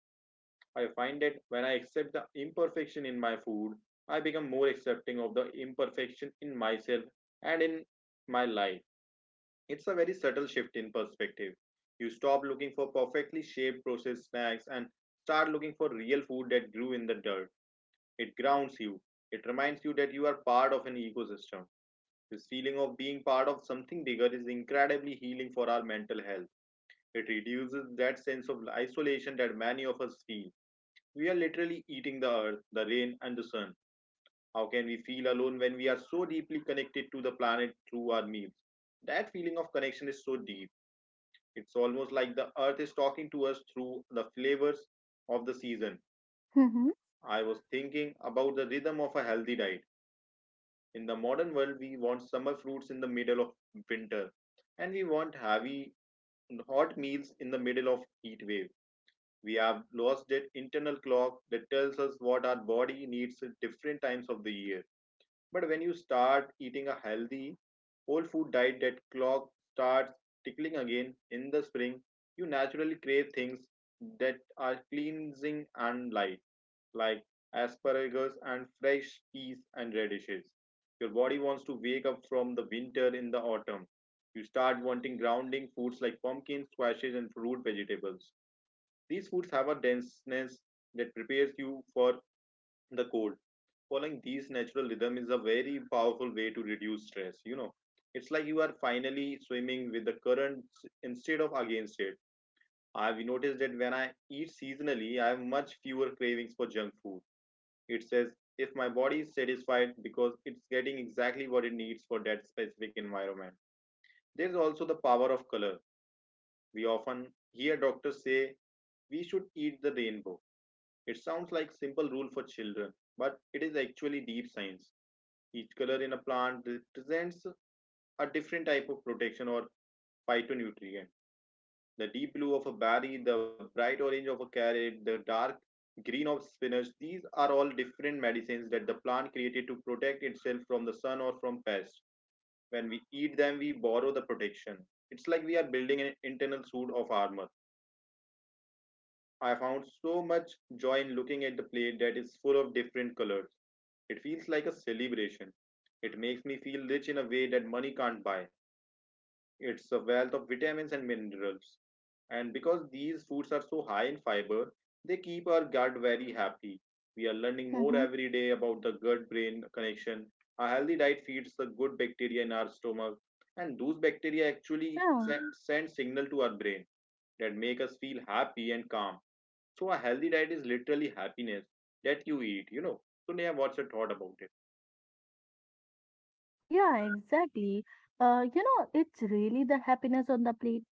Speaker 1: I find that when I accept the imperfection in my food, I become more accepting of the imperfection in myself and in my life. It's a very subtle shift in perspective. You stop looking for perfectly shaped processed snacks and start looking for real food that grew in the dirt. It grounds you. It reminds you that you are part of an ecosystem. This feeling of being part of something bigger is incredibly healing for our mental health. It reduces that sense of isolation that many of us feel. We are literally eating the earth, the rain, and the sun. How can we feel alone when we are so deeply connected to the planet through our meals? That feeling of connection is so deep. It's almost like the earth is talking to us through the flavors of the season.
Speaker 2: hmm
Speaker 1: I was thinking about the rhythm of a healthy diet. In the modern world, we want summer fruits in the middle of winter, and we want heavy, hot meals in the middle of heat waves. We have lost that internal clock that tells us what our body needs at different times of the year. But when you start eating a healthy, whole food diet, that clock starts tickling again. In the spring, you naturally crave things that are cleansing and light, like asparagus and fresh peas and radishes. Your body wants to wake up from the winter. In the autumn, you start wanting grounding foods like pumpkins, squashes, and fruit vegetables. These foods have a denseness that prepares you for the cold. Following these natural rhythm is a very powerful way to reduce stress. You know, it's like you are finally swimming with the current instead of against it. I've noticed that when I eat seasonally, I have much fewer cravings for junk food. It says if my body is satisfied because it's getting exactly what it needs for that specific environment. There's also the power of color. We often hear doctors say we should eat the rainbow. It sounds like simple rule for children, but it is actually deep science. Each color in a plant represents a different type of protection or phytonutrient. The deep blue of a berry, the bright orange of a carrot, the dark green of spinach, these are all different medicines that the plant created to protect itself from the sun or from pests. When we eat them, we borrow the protection. It's like we are building an internal suit of armor. I found so much joy in looking at the plate that is full of different colors. It feels like a celebration. It makes me feel rich in a way that money can't buy. It's a wealth of vitamins and minerals. And because these foods are so high in fiber, they keep our gut very happy. We are learning more
Speaker 2: hmm
Speaker 1: every day about the gut brain connection. A healthy diet feeds the good bacteria in our stomach, and those bacteria actually
Speaker 2: Yeah.
Speaker 1: send signal to our brain that make us feel happy and calm. So a healthy diet is literally happiness that you eat, you know. So Neha, what's your thought about it?
Speaker 2: Yeah, exactly. You know, it's really the happiness on the plate.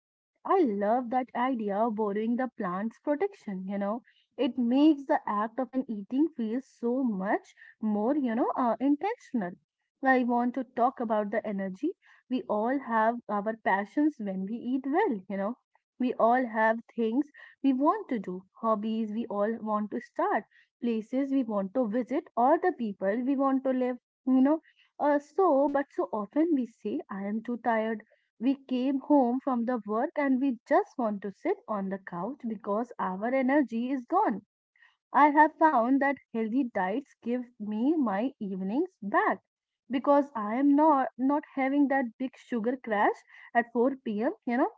Speaker 2: I love that idea of borrowing the plant's protection, you know. It makes the act of an eating feel so much more, you know, intentional. I want to talk about the energy. We all have our passions when we eat well, you know. We all have things we want to do, hobbies we all want to start, places we want to visit, or the people we want to live, you know. So, but so often we say, I am too tired. We came home from the work and we just want to sit on the couch because our energy is gone. I have found that healthy diets give me my evenings back because I am not having that big sugar crash at 4 p.m. You know,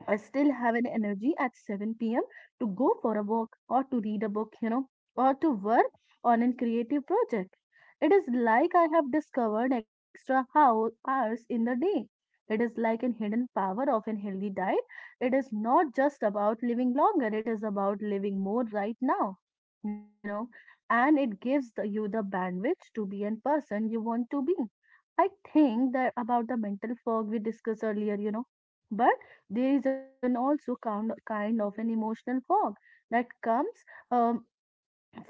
Speaker 2: I still have an energy at 7 p.m. to go for a walk or to read a book, you know, or to work on a creative project. It is like I have discovered hours in the day. It is like a hidden power of a healthy diet. It is not just about living longer, it is about living more right now, you know, and it gives you the bandwidth to be a person you want to be. I think that about the mental fog we discussed earlier, you know, but there is an also kind of an emotional fog that comes um,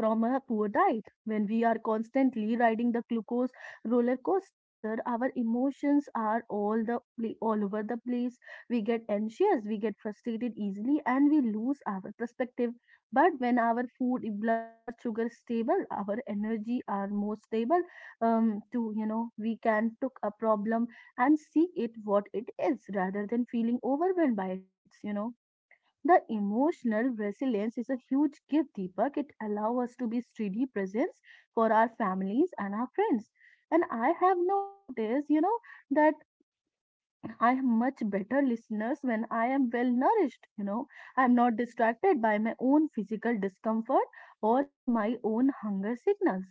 Speaker 2: from a poor diet. When we are constantly riding the glucose roller coaster, our emotions are all all over the place. We get anxious, we get frustrated easily, and we lose our perspective. But when our food, blood sugar is stable, our energy are more stable. To You know, we can took a problem and see it what it is rather than feeling overwhelmed by it. You know the emotional resilience is a huge gift, Deepak. It allows us to be steady presence for our families and our friends. And I have noticed, you know, that I am much better listeners when I am well nourished, you know. I am not distracted by my own physical discomfort or my own hunger signals.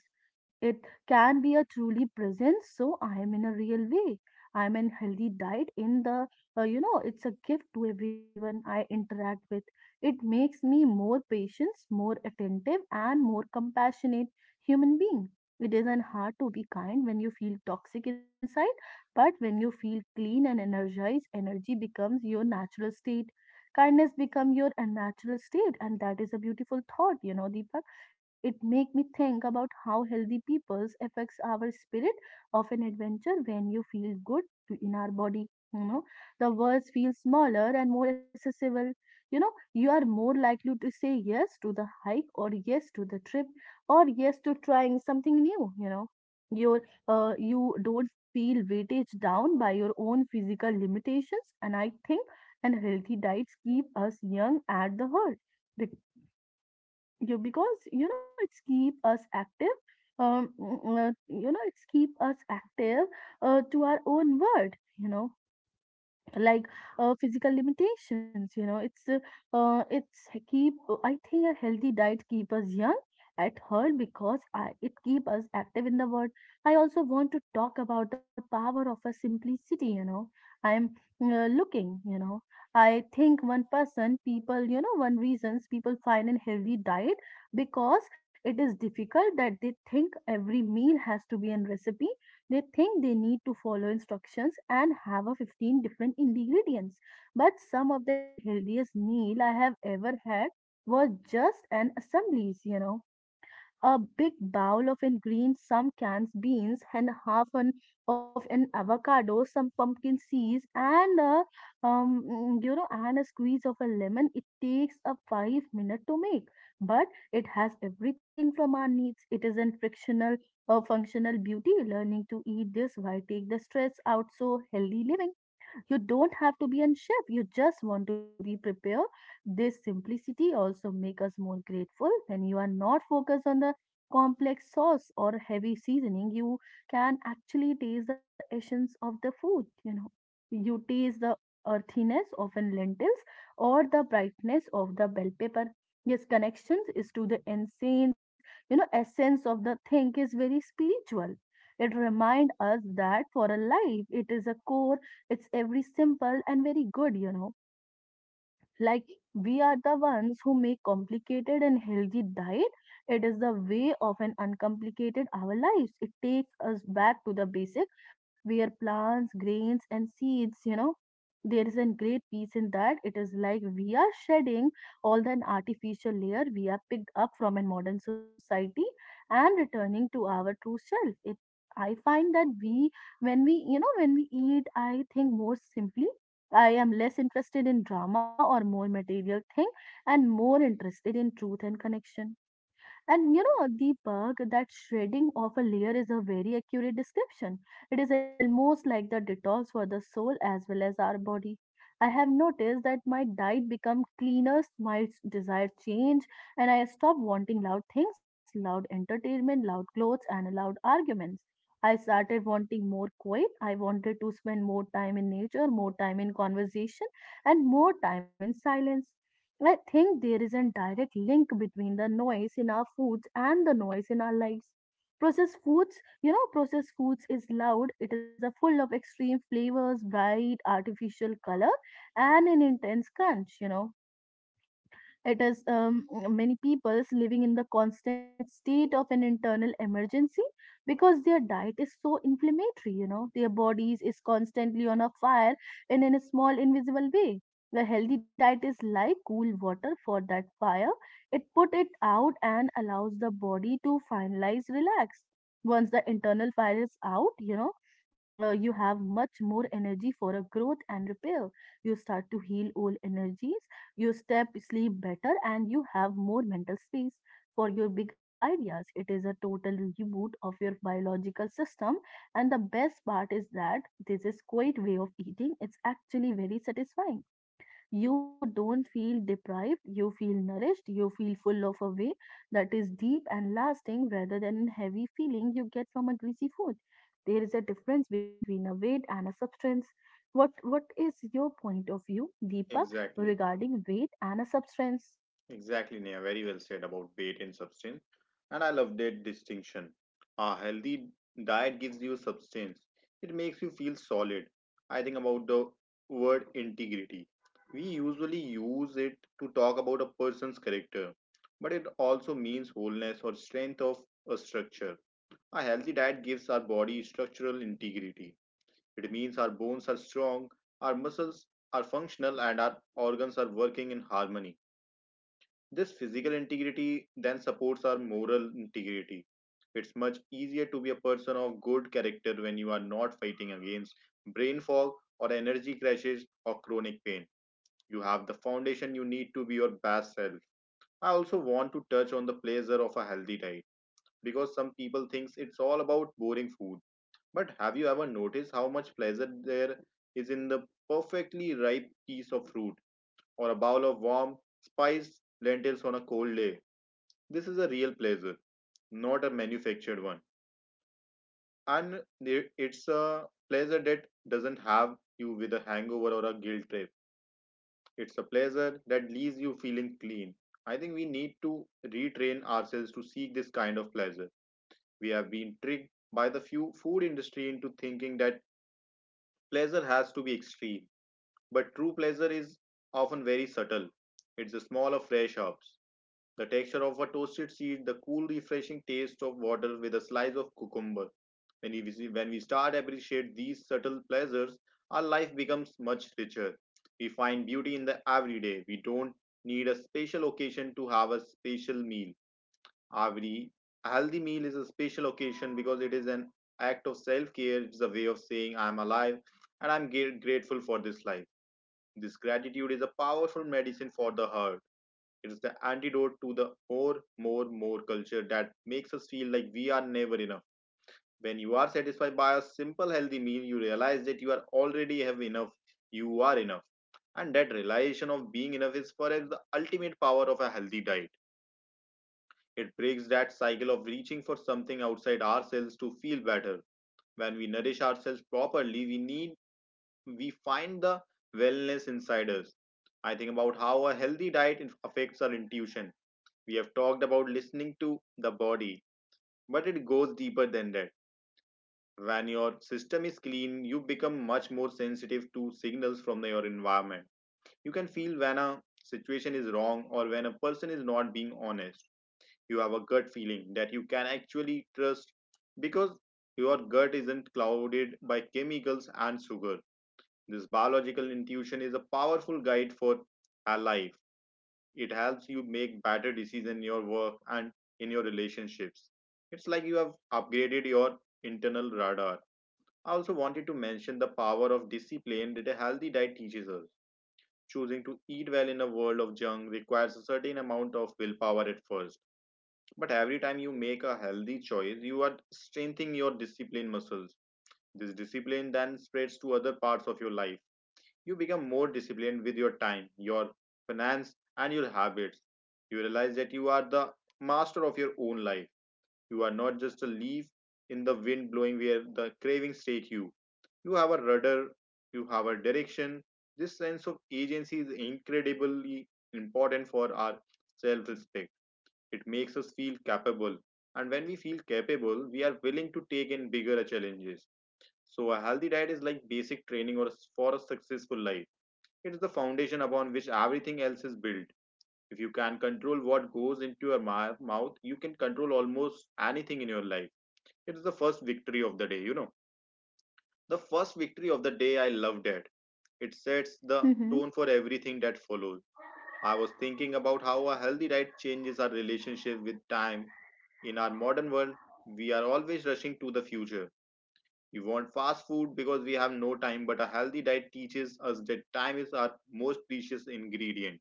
Speaker 2: It can be a truly presence, so I am in a real way. I am in healthy diet in you know, it's a gift to everyone I interact with. It makes me more patient, more attentive, and more compassionate human being. It isn't hard to be kind when you feel toxic inside, but when you feel clean and energized, energy becomes your natural state. Kindness become your natural state, and that is a beautiful thought, you know, Deepak. It make me think about how healthy peoples affects our spirit of an adventure when you feel good in our body. You know, the words feel smaller and more accessible. You know, you are more likely to say yes to the hike or yes to the trip or yes to trying something new, you know. Your you don't feel weighted down by your own physical limitations. And I think and healthy diets keep us young at the heart. Bec- you because you know it's keep us active. You know it's keep us active to our own world. You know, like physical limitations, you know it's keep. I think a healthy diet keep us young at heart because I, it keep us active in the world. I also want to talk about the power of a simplicity, you know. I'm Looking, you know, I think one person people, you know, one reasons people find a healthy diet because it is difficult that they think every meal has to be a recipe. They think they need to follow instructions and have a 15 different ingredients. But some of the healthiest meal I have ever had were just an assemblies, you know, a big bowl of ingredients, some canned beans and half an of an avocado, some pumpkin seeds, and a, mm, you know, and a squeeze of a lemon. It takes a 5 minute to make, but it has everything from our needs. It is an frictional or functional beauty. Learning to eat this while take the stress out, so healthy living. You don't have to be on shift. You just want to be prepared. This simplicity also makes us more grateful when you are not focused on the complex sauce or heavy seasoning. You can actually taste the essence of the food. You know, you taste the earthiness of an lentils or the brightness of the bell pepper. Yes, connections is to the essence. You know, essence of the thing is very spiritual. It reminds us that for a life, it is a core, it's every simple and very good, you know. Like we are the ones who make complicated and healthy diet. It is the way of an uncomplicated our lives. It takes us back to the basic where plants, grains and seeds, you know, there is a great peace in that. It is like we are shedding all the artificial layer we have picked up from a modern society and returning to our true self. It I find that we when we, you know, when we eat, I think more simply, I am less interested in drama or more material thing and more interested in truth and connection. And you know, Deepak, that shredding of a layer is a very accurate description. It is almost like the detox for the soul as well as our body. I have noticed that my diet become cleaner, desire change, and I stop wanting loud things, loud entertainment, loud clothes, and loud arguments. I started wanting more quiet. I wanted to spend more time in nature, more time in conversation, and more time in silence. I think there is a direct link between the noise in our foods and the noise in our lives. Processed foods, you know, processed foods is loud. It is a full of extreme flavors, bright artificial color, and an intense crunch. You know, it is many peoples living in the constant state of an internal emergency because their diet is so inflammatory. You know, their bodies is constantly on a fire and in a small invisible way. The healthy diet is like cool water for that fire. It put it out and allows the body to finalize relax. Once the internal fire is out, you know, you have much more energy for a growth and repair. You start to heal old energies, you step sleep better and you have more mental space for your big ideas. It is a total reboot of your biological system. And the best part is that this is quite way of eating. It's actually very satisfying. You don't feel deprived, you feel nourished, you feel full of a way that is deep and lasting rather than a heavy feeling you get from a greasy food. There is a difference between a weight and a substance. What is your point of view, Deepak,
Speaker 1: Exactly,
Speaker 2: regarding weight and a substance?
Speaker 1: exactly, Neha. Very well said about weight and substance. And I love that distinction. A healthy diet gives you substance, it makes you feel solid. I think about the word integrity. We usually use it to talk about a person's character, but it also means wholeness or strength of a structure. A healthy diet gives our body structural integrity. It means our bones are strong, our muscles are functional, and our organs are working in harmony. This physical integrity then supports our moral integrity. It's much easier to be a person of good character when you are not fighting against brain fog or energy crashes or chronic pain. You have the foundation you need to be your best self. I also want to touch on the pleasure of a healthy diet because some people thinks it's all about boring food. But have you ever noticed how much pleasure there is in the perfectly ripe piece of fruit or a bowl of warm, spiced lentils on a cold day? This is a real pleasure, not a manufactured one. And it's a pleasure that doesn't have you with a hangover or a guilt trip. It's a pleasure that leaves you feeling clean. I think we need to retrain ourselves to seek this kind of pleasure. We have been tricked by the few food industry into thinking that pleasure has to be extreme. But true pleasure is often very subtle. It's the smell of fresh herbs, the texture of a toasted seed, the cool, refreshing taste of water with a slice of cucumber. When we start appreciate these subtle pleasures, our life becomes much richer. We find beauty in the everyday. We don't need a special occasion to have a special meal. Every healthy meal is a special occasion because it is an act of self-care. It's a way of saying I'm alive and I'm grateful for this life. This gratitude is a powerful medicine for the heart. It is the antidote to the more, more, more culture that makes us feel like we are never enough. When you are satisfied by a simple healthy meal, you realize that you are already have enough. You are enough. And that realization of being enough is perhaps the ultimate power of a healthy diet. It breaks that cycle of reaching for something outside ourselves to feel better. When we nourish ourselves properly, we find the wellness inside us. I think about how a healthy diet affects our intuition. We have talked about listening to the body, but it goes deeper than that. When your system is clean, you become much more sensitive to signals from your environment. You can feel when a situation is wrong or when a person is not being honest. You have a gut feeling that you can actually trust, because your gut isn't clouded by chemicals and sugar. This biological intuition is a powerful guide for our life. It helps you make better decisions in your work and in your relationships. It's like you have upgraded your internal radar. I also wanted to mention the power of discipline that a healthy diet teaches us. Choosing to eat well in a world of junk requires a certain amount of willpower at first. But every time you make a healthy choice, you are strengthening your discipline muscles. This discipline then spreads to other parts of your life. You become more disciplined with your time, your finance, and your habits. You realize that you are the master of your own life. You are not just a leaf in the wind blowing where the cravings take you. You have a rudder, you have a direction. This sense of agency is incredibly important for our self respect. It makes us feel capable. And when we feel capable, we are willing to take in bigger challenges. So, a healthy diet is like basic training or for a successful life. It is the foundation upon which everything else is built. If you can control what goes into your mouth, you can control almost anything in your life. It's the first victory of the day. The first victory of the day, I loved it. It sets the tone
Speaker 2: Mm-hmm.
Speaker 1: for everything that follows. I was thinking about how a healthy diet changes our relationship with time. In our modern world, we are always rushing to the future. We want fast food because we have no time, but a healthy diet teaches us that time is our most precious ingredient.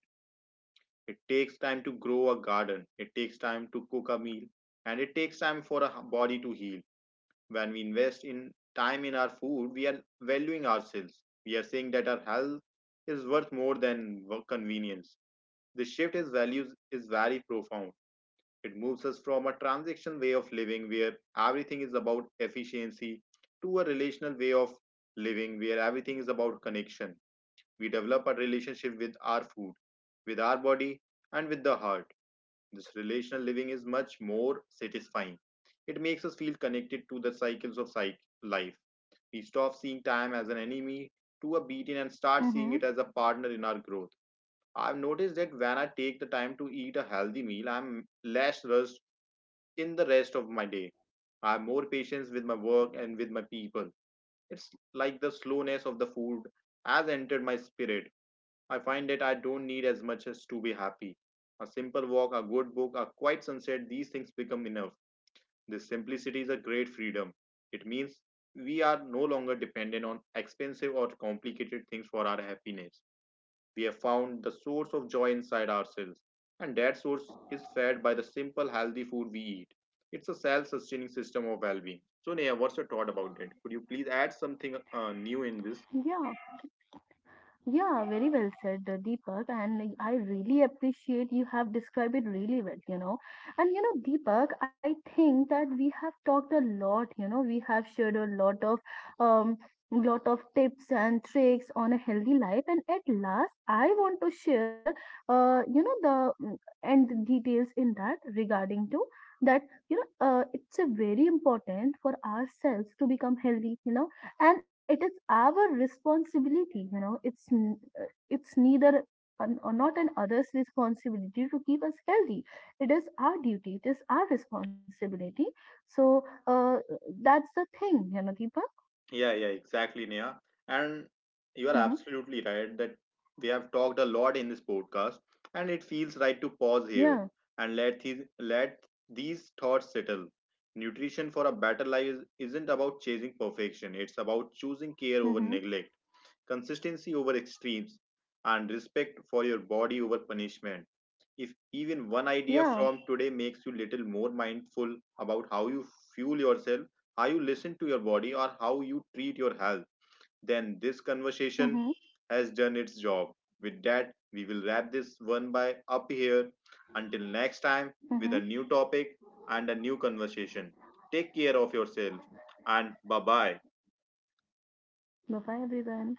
Speaker 1: It takes time to grow a garden, it takes time to cook a meal, and it takes time for a body to heal. When we invest in time in our food, we are valuing ourselves. We are saying that our health is worth more than convenience. The shift in values is very profound. It moves us from a transaction way of living where everything is about efficiency to a relational way of living where everything is about connection. We develop a relationship with our food, with our body, and with the heart. This relational living is much more satisfying. It makes us feel connected to the cycles of life. We stop seeing time as an enemy to a beating and start seeing it as a
Speaker 2: Mm-hmm.
Speaker 1: partner in our growth. I've noticed that when I take the time to eat a healthy meal, I'm less rushed in the rest of my day. I have more patience with my work and with my people. It's like the slowness of the food has entered my spirit. I find that I don't need as much as to be happy. A simple walk, a good book, a quiet sunset, these things become enough. This simplicity is a great freedom. It means we are no longer dependent on expensive or complicated things for our happiness. We have found the source of joy inside ourselves, and that source is fed by the simple, healthy food we eat. It's a self sustaining system of well being. So, Neha, what's your thought about it? Could you please add something new in this?
Speaker 2: Yeah, yeah, very well said, Deepak. And like, I really appreciate you have described it really well, you know. And you know, Deepak, I think that we have talked a lot, you know, we have shared a um lot of tips and tricks on a healthy life. And at last, I want to share you know, the and the details in that regarding to that, you know, it's a very important for ourselves to become healthy, you know, and it is our responsibility, you know it's it's neither an, or not an other's responsibility to keep us healthy. It is our duty, it is our responsibility. So that's the thing, you know, Deepa.
Speaker 1: Yeah, yeah, exactly, Nia. And you are
Speaker 2: Mm-hmm.
Speaker 1: absolutely right that we have talked a lot in this podcast, and it feels right to pause here
Speaker 2: Yeah.
Speaker 1: and let these thoughts settle. Nutrition for a better life isn't about chasing perfection; it's about choosing care over
Speaker 2: Mm-hmm.
Speaker 1: neglect, consistency over extremes, and respect for your body over punishment. If even one idea
Speaker 2: Yeah.
Speaker 1: from today makes you little more mindful about how you fuel yourself, how you listen to your body, or how you treat your health, then this conversation
Speaker 2: Mm-hmm.
Speaker 1: has done its job. With that, we will wrap this one by up here. Until next time, with a
Speaker 2: Mm-hmm.
Speaker 1: new topic and a new conversation. Take care of yourself and bye bye.
Speaker 2: Bye bye everyone.